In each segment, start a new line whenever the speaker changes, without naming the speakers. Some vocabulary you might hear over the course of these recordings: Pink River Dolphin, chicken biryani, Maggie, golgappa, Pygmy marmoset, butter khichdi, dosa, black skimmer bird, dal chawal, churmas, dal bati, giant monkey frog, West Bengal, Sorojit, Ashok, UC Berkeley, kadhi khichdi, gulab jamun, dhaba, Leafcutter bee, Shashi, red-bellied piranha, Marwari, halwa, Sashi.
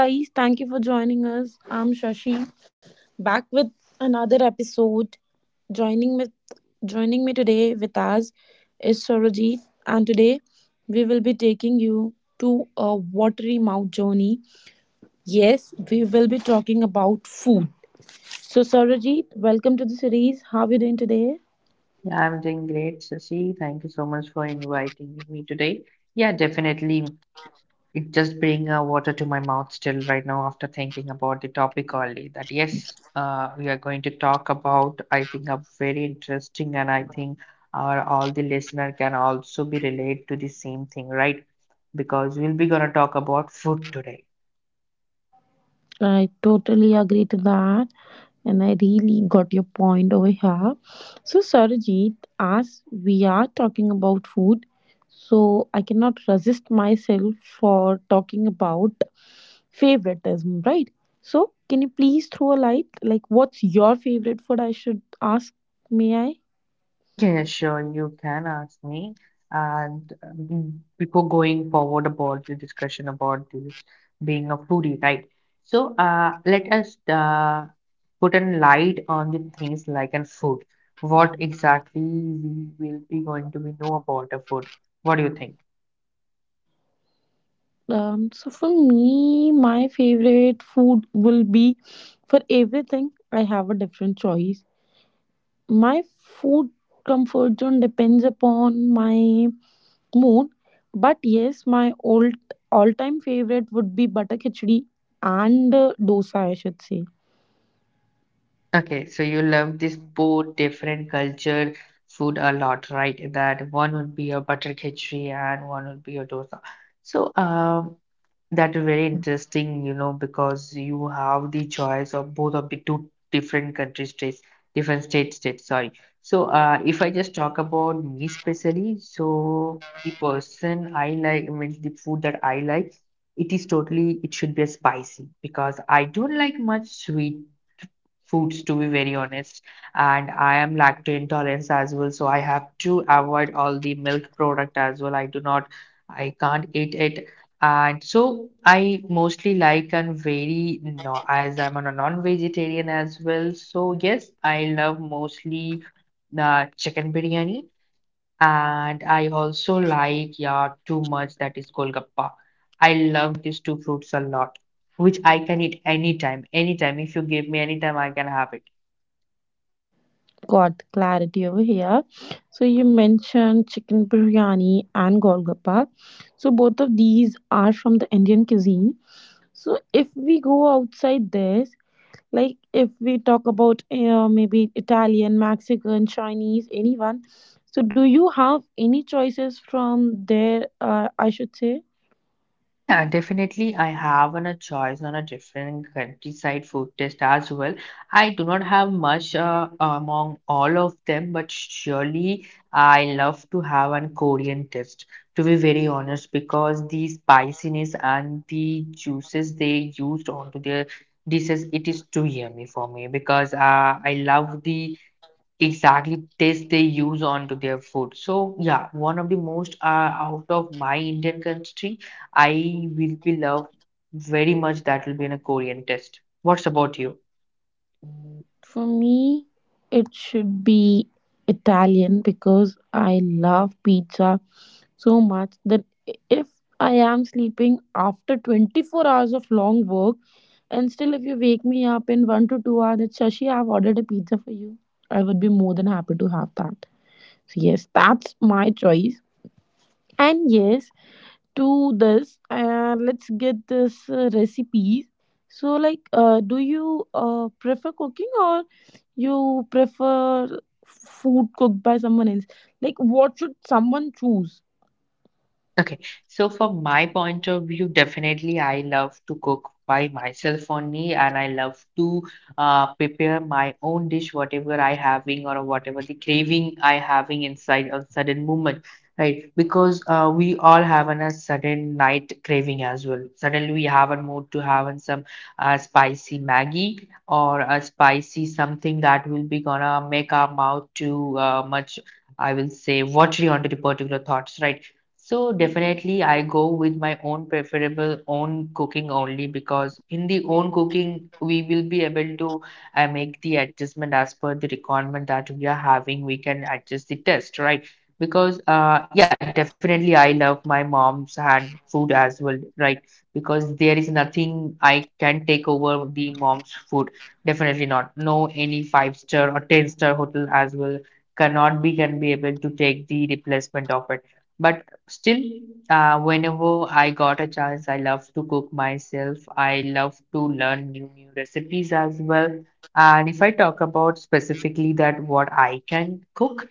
Hey guys, thank you for joining us. I'm Shashi, back with another episode. Joining with joining me today with us is Sorojit, and today we will be taking you to a watery mouth journey. Yes, we will be talking about food. So Sorojit, welcome to the series. How are you doing today?
Yeah, I'm doing great, Sashi. Thank you so much for inviting me today. Yeah, definitely. It just bring water to my mouth still right now after thinking about the topic only. That yes, we are going to talk about. I think a very interesting, and I think our all the listener can also be relate to the same thing, right? Because we'll be gonna talk about food today.
I totally agree to that. And I really got your point over here. So, Sarojit, as we are talking about food, so I cannot resist myself for talking about favoritism, right? So, can you please throw a light? Like, what's your favorite food? I should ask, may I?
Yeah, sure, you can ask me. And before going forward about the discussion about this being a foodie, right? So, let us put a light on the things like an food. What exactly we will be going to be know about the food? What do you think?
So for me, my favorite food will be for everything. I have a different choice. My food comfort zone depends upon my mood, but yes, my old all-time favorite would be butter khichdi and dosa, I should say.
Okay, so you love this both different culture food a lot, right? That one would be a butter khichdi and one would be a dosa. So, that is very interesting, you know, because you have the choice of both of the two different country states, different state states, sorry. So, if I just talk about me specially, so the person I like, I mean, the food that I like, it is totally, it should be spicy because I don't like much sweet foods, to be very honest, and I am lactose intolerant as well, so I have to avoid all the milk product as well. I do not i can't eat it, and so I mostly like and very no, as I'm a non-vegetarian as well, so yes, I love mostly the chicken biryani, and I also like yeah too much that is golgappa. I love these two fruits a lot, which I can eat anytime, anytime. If you give me anytime, I can have it.
Got clarity over here. So you mentioned chicken biryani and golgappa. So both of these are from the Indian cuisine. So if we go outside this, like if we talk about maybe Italian, Mexican, Chinese, anyone, so do you have any choices from there, I should say?
Yeah, definitely. I have on a choice on a different countryside food test as well. I do not have much among all of them, but surely I love to have an Korean test, to be very honest, because the spiciness and the juices they used onto their dishes, it is too yummy for me because I love the exactly taste they use onto their food. So yeah, one of the most, out of my Indian country, I will be love very much, that will be in a Korean test. What's about you?
For me, it should be Italian because I love pizza so much that if I am sleeping after 24 hours of long work and still if you wake me up in 1 to 2 hours that Shashi, I've ordered a pizza for you, I would be more than happy to have that. So yes, that's my choice. And yes, to this, let's get this recipe. So, like, do you prefer cooking or you prefer food cooked by someone else? Like, what should someone choose?
Okay, so from my point of view, definitely I love to cook by myself only, and I love to prepare my own dish, whatever I having or whatever the craving I having inside a sudden moment, right? Because we all have an, a sudden night craving as well. Suddenly we have a mood to have an some spicy Maggie or a spicy something that will be gonna make our mouth too much, I will say, watery onto the particular thoughts, right? So definitely I go with my own preferable own cooking only, because in the own cooking we will be able to make the adjustment as per the requirement that we are having. We can adjust the test, right? Because yeah, definitely I love my mom's hand food as well, right? Because there is nothing I can take over the mom's food. Definitely not. No any 5 star or 10 star hotel as well cannot be can be able to take the replacement of it. But still, whenever I got a chance, I love to cook myself. I love to learn new recipes as well. And if I talk about specifically that what I can cook,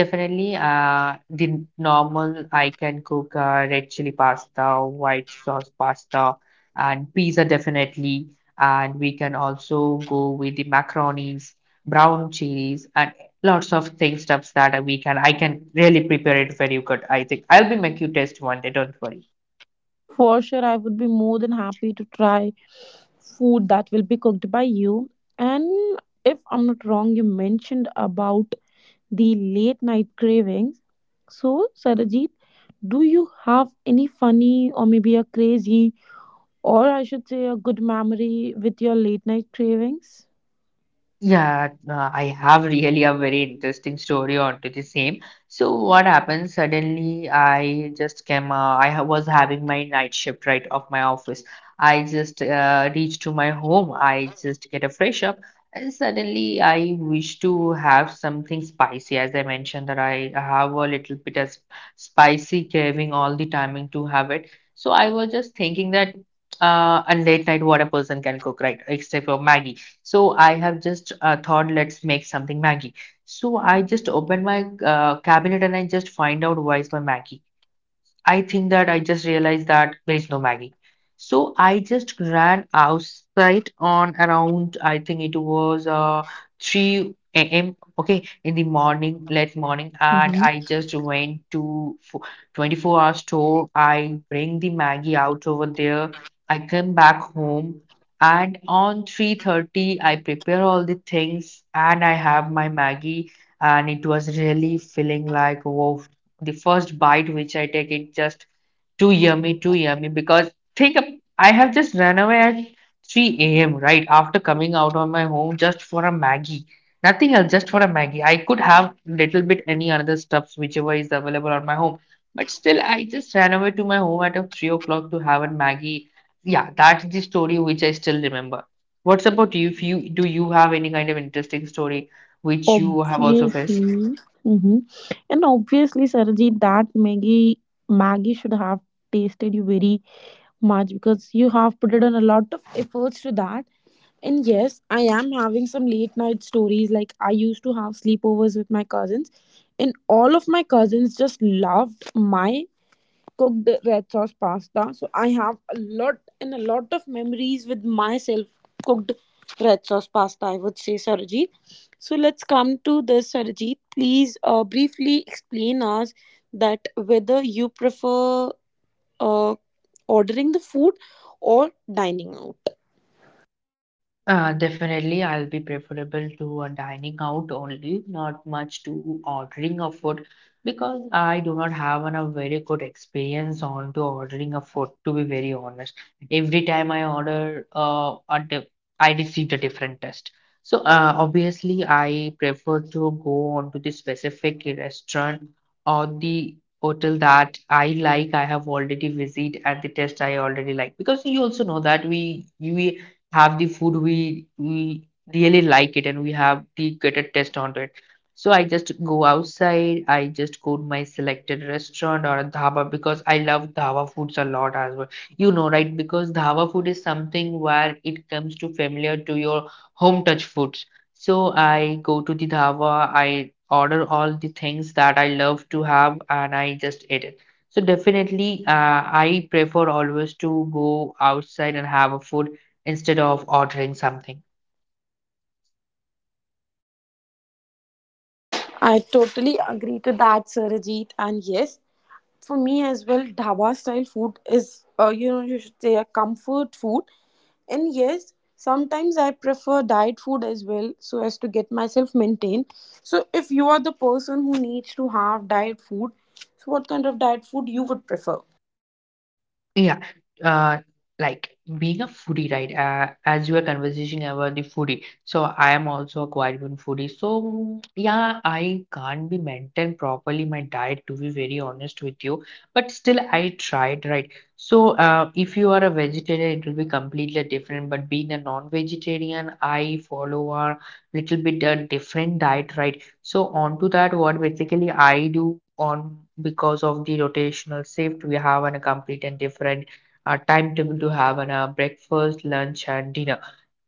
definitely the normal I can cook red chili pasta, white sauce pasta, and pizza definitely. And we can also go with the macaronis, brown cheese, and lots of things stuffs that we can I can really prepare it very good. I think I'll be make you taste one day. Don't worry.
For sure, I would be more than happy to try food that will be cooked by you. And if I'm not wrong, you mentioned about the late night cravings. So, Sarajit, do you have any funny or maybe a crazy, or I should say a good memory with your late night cravings?
Yeah, I have really a very interesting story onto the same. So what happened suddenly, I just came, was having my night shift right of my office. I just reached to my home. I just get a fresh up and suddenly I wish to have something spicy. As I mentioned that I have a little bit of spicy craving all the timing to have it. So I was just thinking that on late night what a person can cook, right? Except for Maggie. So I have just thought, let's make something Maggie. So I just opened my cabinet and I just find out why is my Maggie. I think that I just realized that there is no Maggie. So I just ran outside on around, I think it was 3 a.m. Okay, in the morning, late morning, and
hmm
I just went to 24-hour store. I bring the Maggie out over there. I come back home, and on 3:30, I prepare all the things, and I have my Maggie, and it was really feeling like, wow, the first bite which I take, it just too yummy, too yummy. Because think, of- I have just run away at 3 a.m. right after coming out of my home just for a Maggie. Nothing else, just for a Maggie. I could have little bit any other stuffs whichever is available on my home, but still I just ran away to my home at a 3 o'clock to have a Maggie. Yeah, that's the story which I still remember. What's about you? If you do you have any kind of interesting story which you have also faced?
Obviously. hmm And obviously, Sarajit, that Maggie should have tasted you very much because you have put in a lot of efforts to that. And yes, I am having some late night stories. Like I used to have sleepovers with my cousins, and all of my cousins just loved my cooked red sauce pasta. So I have a lot and a lot of memories with myself cooked red sauce pasta, I would say, Sarojit. So let's come to this, Sarojit. Please briefly explain us that whether you prefer uh, ordering the food or dining out.
Definitely, I'll be preferable to a dining out only, not much to ordering a food, because I do not have an, a very good experience on to ordering a food, to be very honest. Every time I order, a di I received a different test. So, obviously, I prefer to go on to the specific restaurant or the hotel that I like. I have already visited and the test I already like, because you also know that we have the food we really like it and we have the greater taste on it. So I just go outside, I just go to my selected restaurant or a dhaba, because I love dhaba foods a lot as well. You know, right? Because dhaba food is something where it comes to familiar to your home touch foods. So I go to the dhaba, I order all the things that I love to have and I just eat it. So definitely, I prefer always to go outside and have a food instead of ordering something.
I totally agree to that, Sarojit. And yes, for me as well, dhaba style food is, you know, you should say a comfort food. And yes, sometimes I prefer diet food as well so as to get myself maintained. So if you are the person who needs to have diet food, so what kind of diet food you would prefer?
Yeah, uh, like being a foodie, right? As you were conversation about the foodie, so I am also a quite good foodie. So yeah, I can't be maintain properly my diet, to be very honest with you, but still I tried, right? So if you are a vegetarian, it will be completely different. But being a non-vegetarian, I follow a little bit a different diet, right? So onto that, what basically I do on because of the rotational shift, we have an a complete and different timetable to have an breakfast, lunch, and dinner.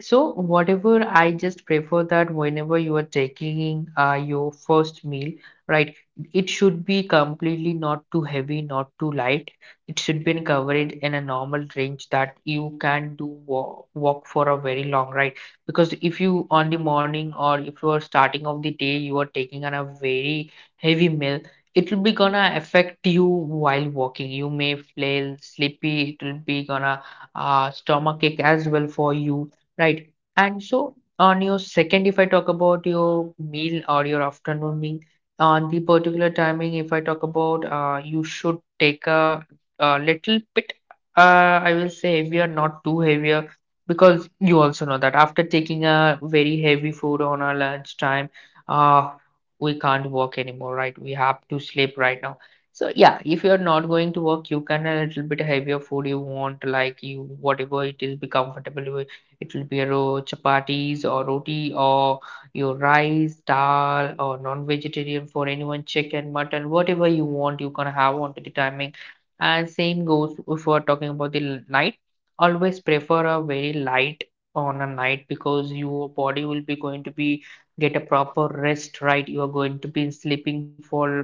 So whatever, I just prefer that whenever you are taking your first meal, right, it should be completely not too heavy, not too light. It should be covered in a normal range that you can do walk, walk for a very long right. Because if you on the morning or if you are starting of the day, you are taking on a very heavy meal, it will be gonna affect you while walking. You may feel sleepy. It will be gonna stomach ache as well for you. Right. And so on your second, if I talk about your meal or your afternoon meal, on the particular timing, if I talk about you should take a little bit, uh, I will say heavier, not too heavier, because you also know that after taking a very heavy food on our lunch time, uh, we can't work anymore, right? We have to sleep right now. So yeah, if you're not going to work, you can a little bit heavier food you want, like you whatever it is, be comfortable with. It will be your chapatis or roti or your rice, dal or non-vegetarian for anyone, chicken, mutton, whatever you want, you can have on the timing. And same goes if we're talking about the night. Always prefer a very light on a night because your body will be going to be get a proper rest, right? You are going to be sleeping for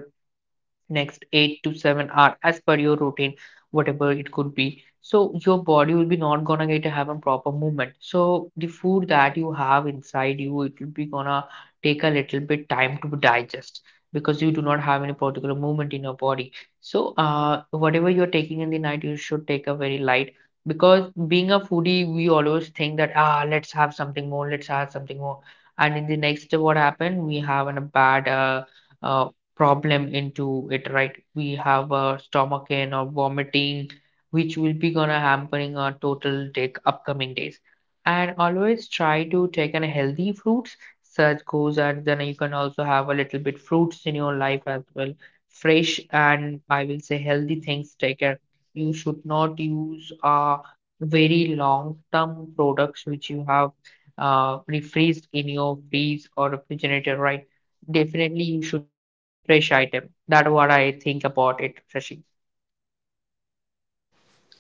next 8 to 7 hour as per your routine, whatever it could be. So your body will be not gonna get to have a proper movement, so the food that you have inside you, it will be gonna take a little bit time to digest because you do not have any particular movement in your body. So whatever you're taking in the night, you should take a very light because being a foodie we always think that, ah, let's have something more, let's have something more. And in the next what happened, we have a bad uh, problem into it, right? We have a stomach ache or vomiting, which will be gonna hampering our total take upcoming days. And always try to take an healthy fruits, such goes as then you can also have a little bit fruits in your life as well. Fresh and I will say healthy things, take care. You should not use very long term products which you have refreezed in your freeze or refrigerator, right? Definitely, you should use the fresh item. That's what I think about it, Shashi.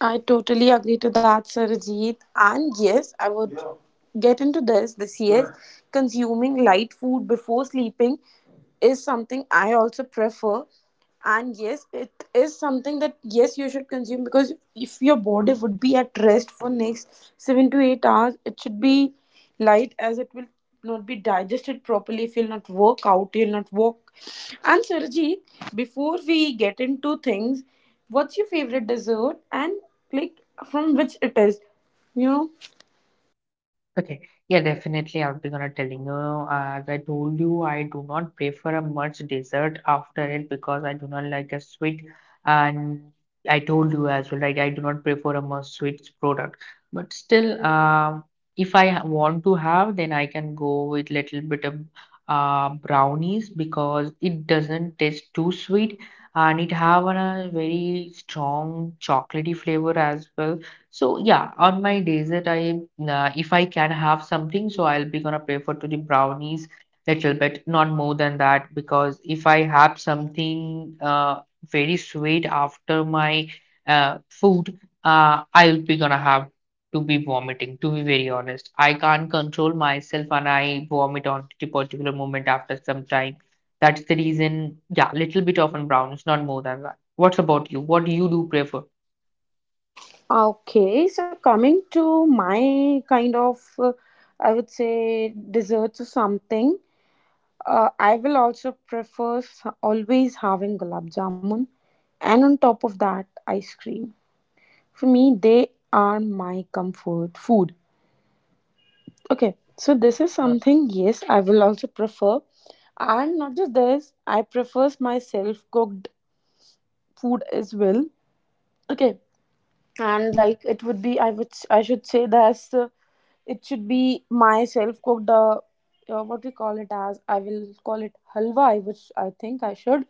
I totally agree to that, Sarajit. And yes, I would, yeah, get into this year. Right. Consuming light food before sleeping is something I also prefer, and yes, it is something that yes, you should consume, because if your body would be at rest for next 7 to 8 hours, it should be light, as it will not be digested properly if you'll not work out, you'll not walk. And Sarji, before we get into things, what's your favorite dessert, and like from which it is, you know?
Okay, yeah, definitely. I'll be gonna telling you. As I told you, I do not prefer a much dessert after it because I do not like a sweet. And I told you as well, like I do not prefer a much sweet product. But still, if I ha- want to have, then I can go with little bit of brownies because it doesn't taste too sweet and it have a very strong chocolatey flavor as well. So yeah, on my days that if I can have something, so I'll be gonna prefer to the brownies little bit, not more than that, because if I have something very sweet after my food, I'll be gonna have to be vomiting. To be very honest, I can't control myself and I vomit on the particular moment after some time. That's the reason. Yeah, little bit of on brownies, not more than that. What's about you? What do you do prefer?
Okay, so coming to my kind of I would say desserts or something. I will also prefer always having gulab jamun, and on top of that, ice cream. For me, they are my comfort food. Okay, so this is something, yes, I will also prefer. And not just this, I prefer my self cooked food as well. Okay, and like it would be, I would, I should say that, it should be my self cooked what we call it as, I will call it halwa, I which I think I should.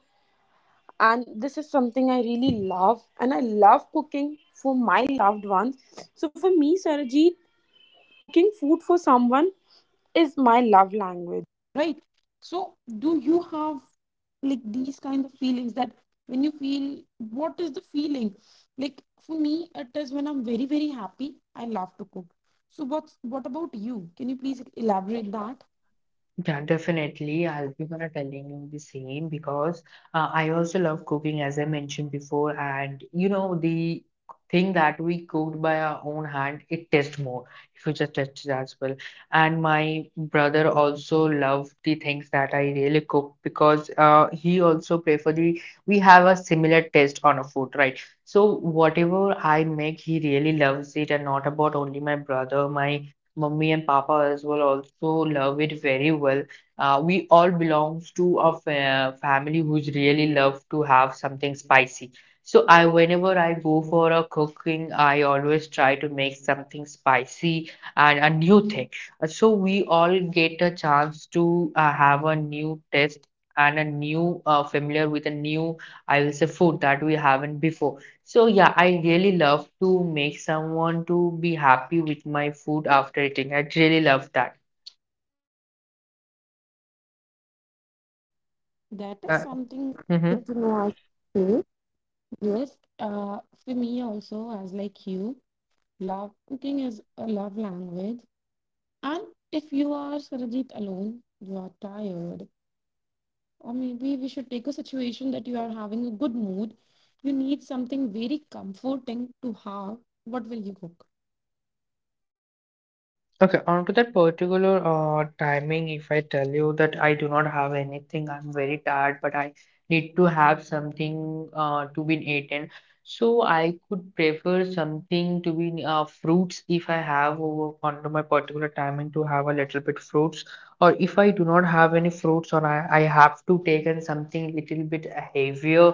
And this is something I really love, and I love cooking for my loved ones. So for me, Sarajit, cooking food for someone is my love language. Right. So, do you have like these kind of feelings that when you feel, what is the feeling? Like for me, it is when I'm very, very happy, I love to cook. So, what about you? Can you please elaborate that?
Yeah, definitely. I'll be gonna telling you the same because I also love cooking, as I mentioned before. And you know, the thing that we cooked by our own hand, it tastes more if you just touch it as well. And my brother also loved the things that I really cook because he also prefer the we have a similar taste on a food, right? So whatever I make, he really loves it, and not about only my brother, my Mummy and Papa as well also love it very well. We all belongs to a family who's really love to have something spicy. So I, whenever I go for a cooking, I always try to make something spicy and a new thing. So we all get a chance to have a new taste and a new familiar with a new, I will say, food that we haven't before. So yeah, I really love to make someone to be happy with my food after eating. I really love that.
That is
Uh,
something
mhm.
good to know, I feel. Yes. For me also, as like you, love cooking is a love language. And if you are Sarajit alone, you are tired, or maybe we should take a situation that mood, you need a comforting to have, what to cook?
Okay, on to that particular timing, if I tell you that I do not have anything, I'm very tired, but I need to have something to be eaten. So I could prefer something to be, fruits if I have over onto my particular timing to have a little bit fruits, or if I do not have any fruits, or I have to take in something little bit heavier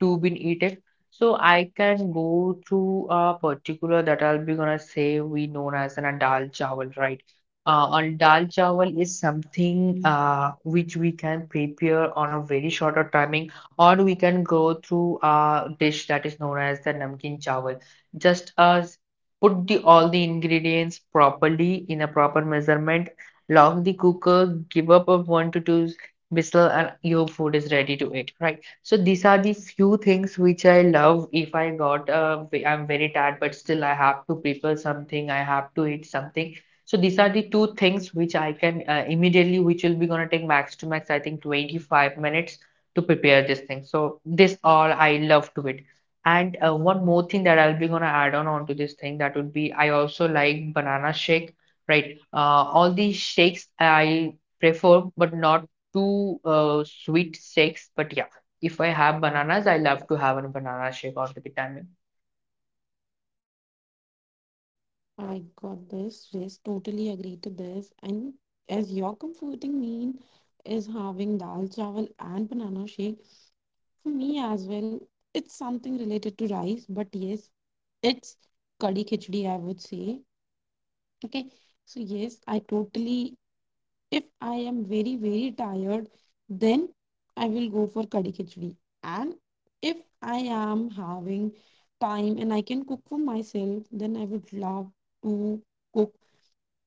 to be eaten. So I can go to a particular that I'll be gonna say we known as an a dal chawal, right? And dal chawal is something which we can prepare on a very shorter timing, or we can go through a dish that is known as the namkeen chawal. Just as put the all the ingredients properly in a proper measurement, lock the cooker, give up a one to two whistle, and your food is ready to eat, right? So these are the few things which I love. If I got, I'm very tired, but still I have to prepare something. I have to eat something. So these are the two things which I can immediately, which will be gonna take max to max, I think 25 minutes to prepare this thing. So this all I love to it. And one more thing that I'll be gonna add on onto this thing that would be I also like banana shake, right? All these shakes I prefer, but not too sweet shakes. But yeah. If I have bananas, I love to have a banana shake all the time.
I got this, yes, totally agree to this. And as your comforting meal is having dal chawal and banana shake, for me as well, it's something related to rice, but yes, it's kadhi khichdi, I would say. Okay, so yes, I totally, if I am very, very tired, then I will go for Kadi Khichdi. And if I am having time and I can cook for myself, then I would love to cook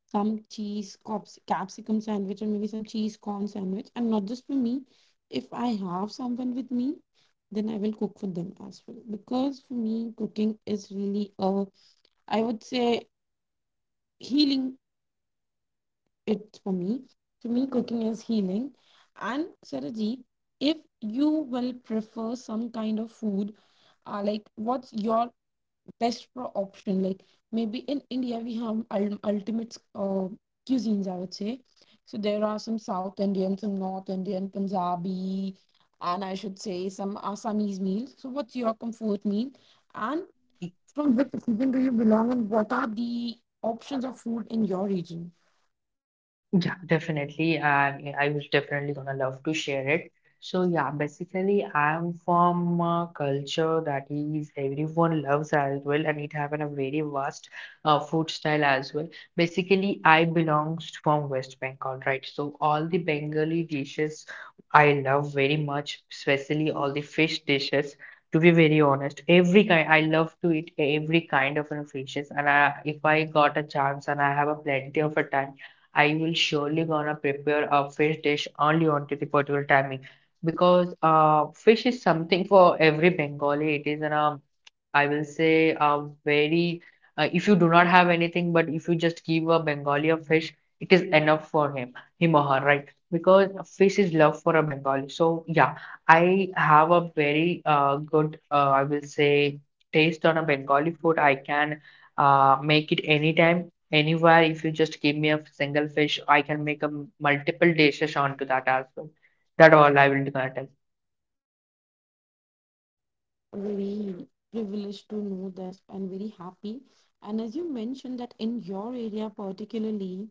some capsicum sandwich or maybe some cheese corn sandwich. And not just for me, if I have someone with me, then I will cook for them as well. Because for me, cooking is really a, I would say, healing it for me. To me, cooking is healing. And Sarahji, if you will prefer some kind of food, like what's your best option? Like maybe in India we have ultimate cuisines, I would say. So there are some South Indian, some North Indian, Punjabi, and I should say some Assamese meals. So what's your comfort meal? And from which region do you belong, and what are the options of food in your region?
Yeah, definitely. And I was definitely gonna love to share it. So yeah, basically I'm from a culture that is everyone loves as well, and it have a very vast food style as well. Basically, I belongs from West Bengal, right? So all the Bengali dishes I love very much, especially all the fish dishes. To be very honest, every kind I love to eat every kind of, you know, fishes, and I, if I got a chance and I have a plenty of a time. I will surely gonna prepare a fish dish only onto the particular timing because fish is something for every Bengali. It is an I will say very if you do not have anything, but if you just give a Bengali a fish, it is enough for him, him or her, right? Because a fish is love for a Bengali. So yeah, I have a very good, I will say, taste on a Bengali food. I can make it anytime, anywhere. If you just give me a single fish, I can make a multiple dishes onto that as well. That all I will gonna tell.
Very privileged to know this, and very happy. And as you mentioned that in your area particularly,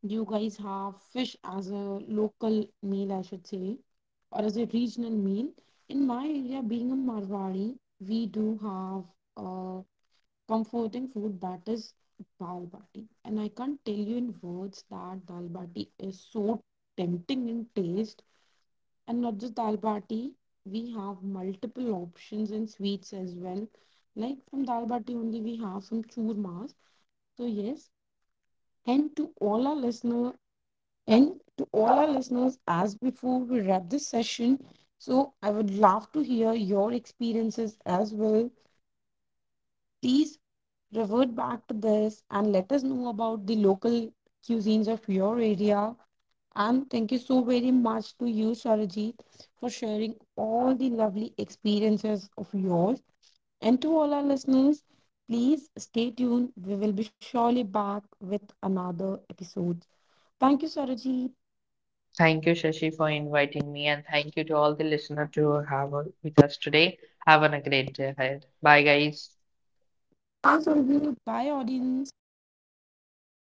you guys have fish as a local meal, I should say, or as a regional meal. In my area, being a Marwari, we do have a comforting food that is dal bati. And I can't tell you in words that dal bati is so tempting in taste. And not just dal bati, we have multiple options in sweets as well. Like from dal bati only, we have some churmas. So yes, and to all our listeners, as before we wrap this session, so I would love to hear your experiences as well. Please revert back to this and let us know about the local cuisines of your area. And thank you so very much to you, Sarojit, for sharing all the lovely experiences of yours. And to all our listeners, please stay tuned. We will be surely back with another episode. Thank you, Sarojit.
Thank you, Shashi, for inviting me, and thank you to all the listeners to have with us today. Have a great day ahead. Bye, guys.
Bye, Sarojit. Bye, audience.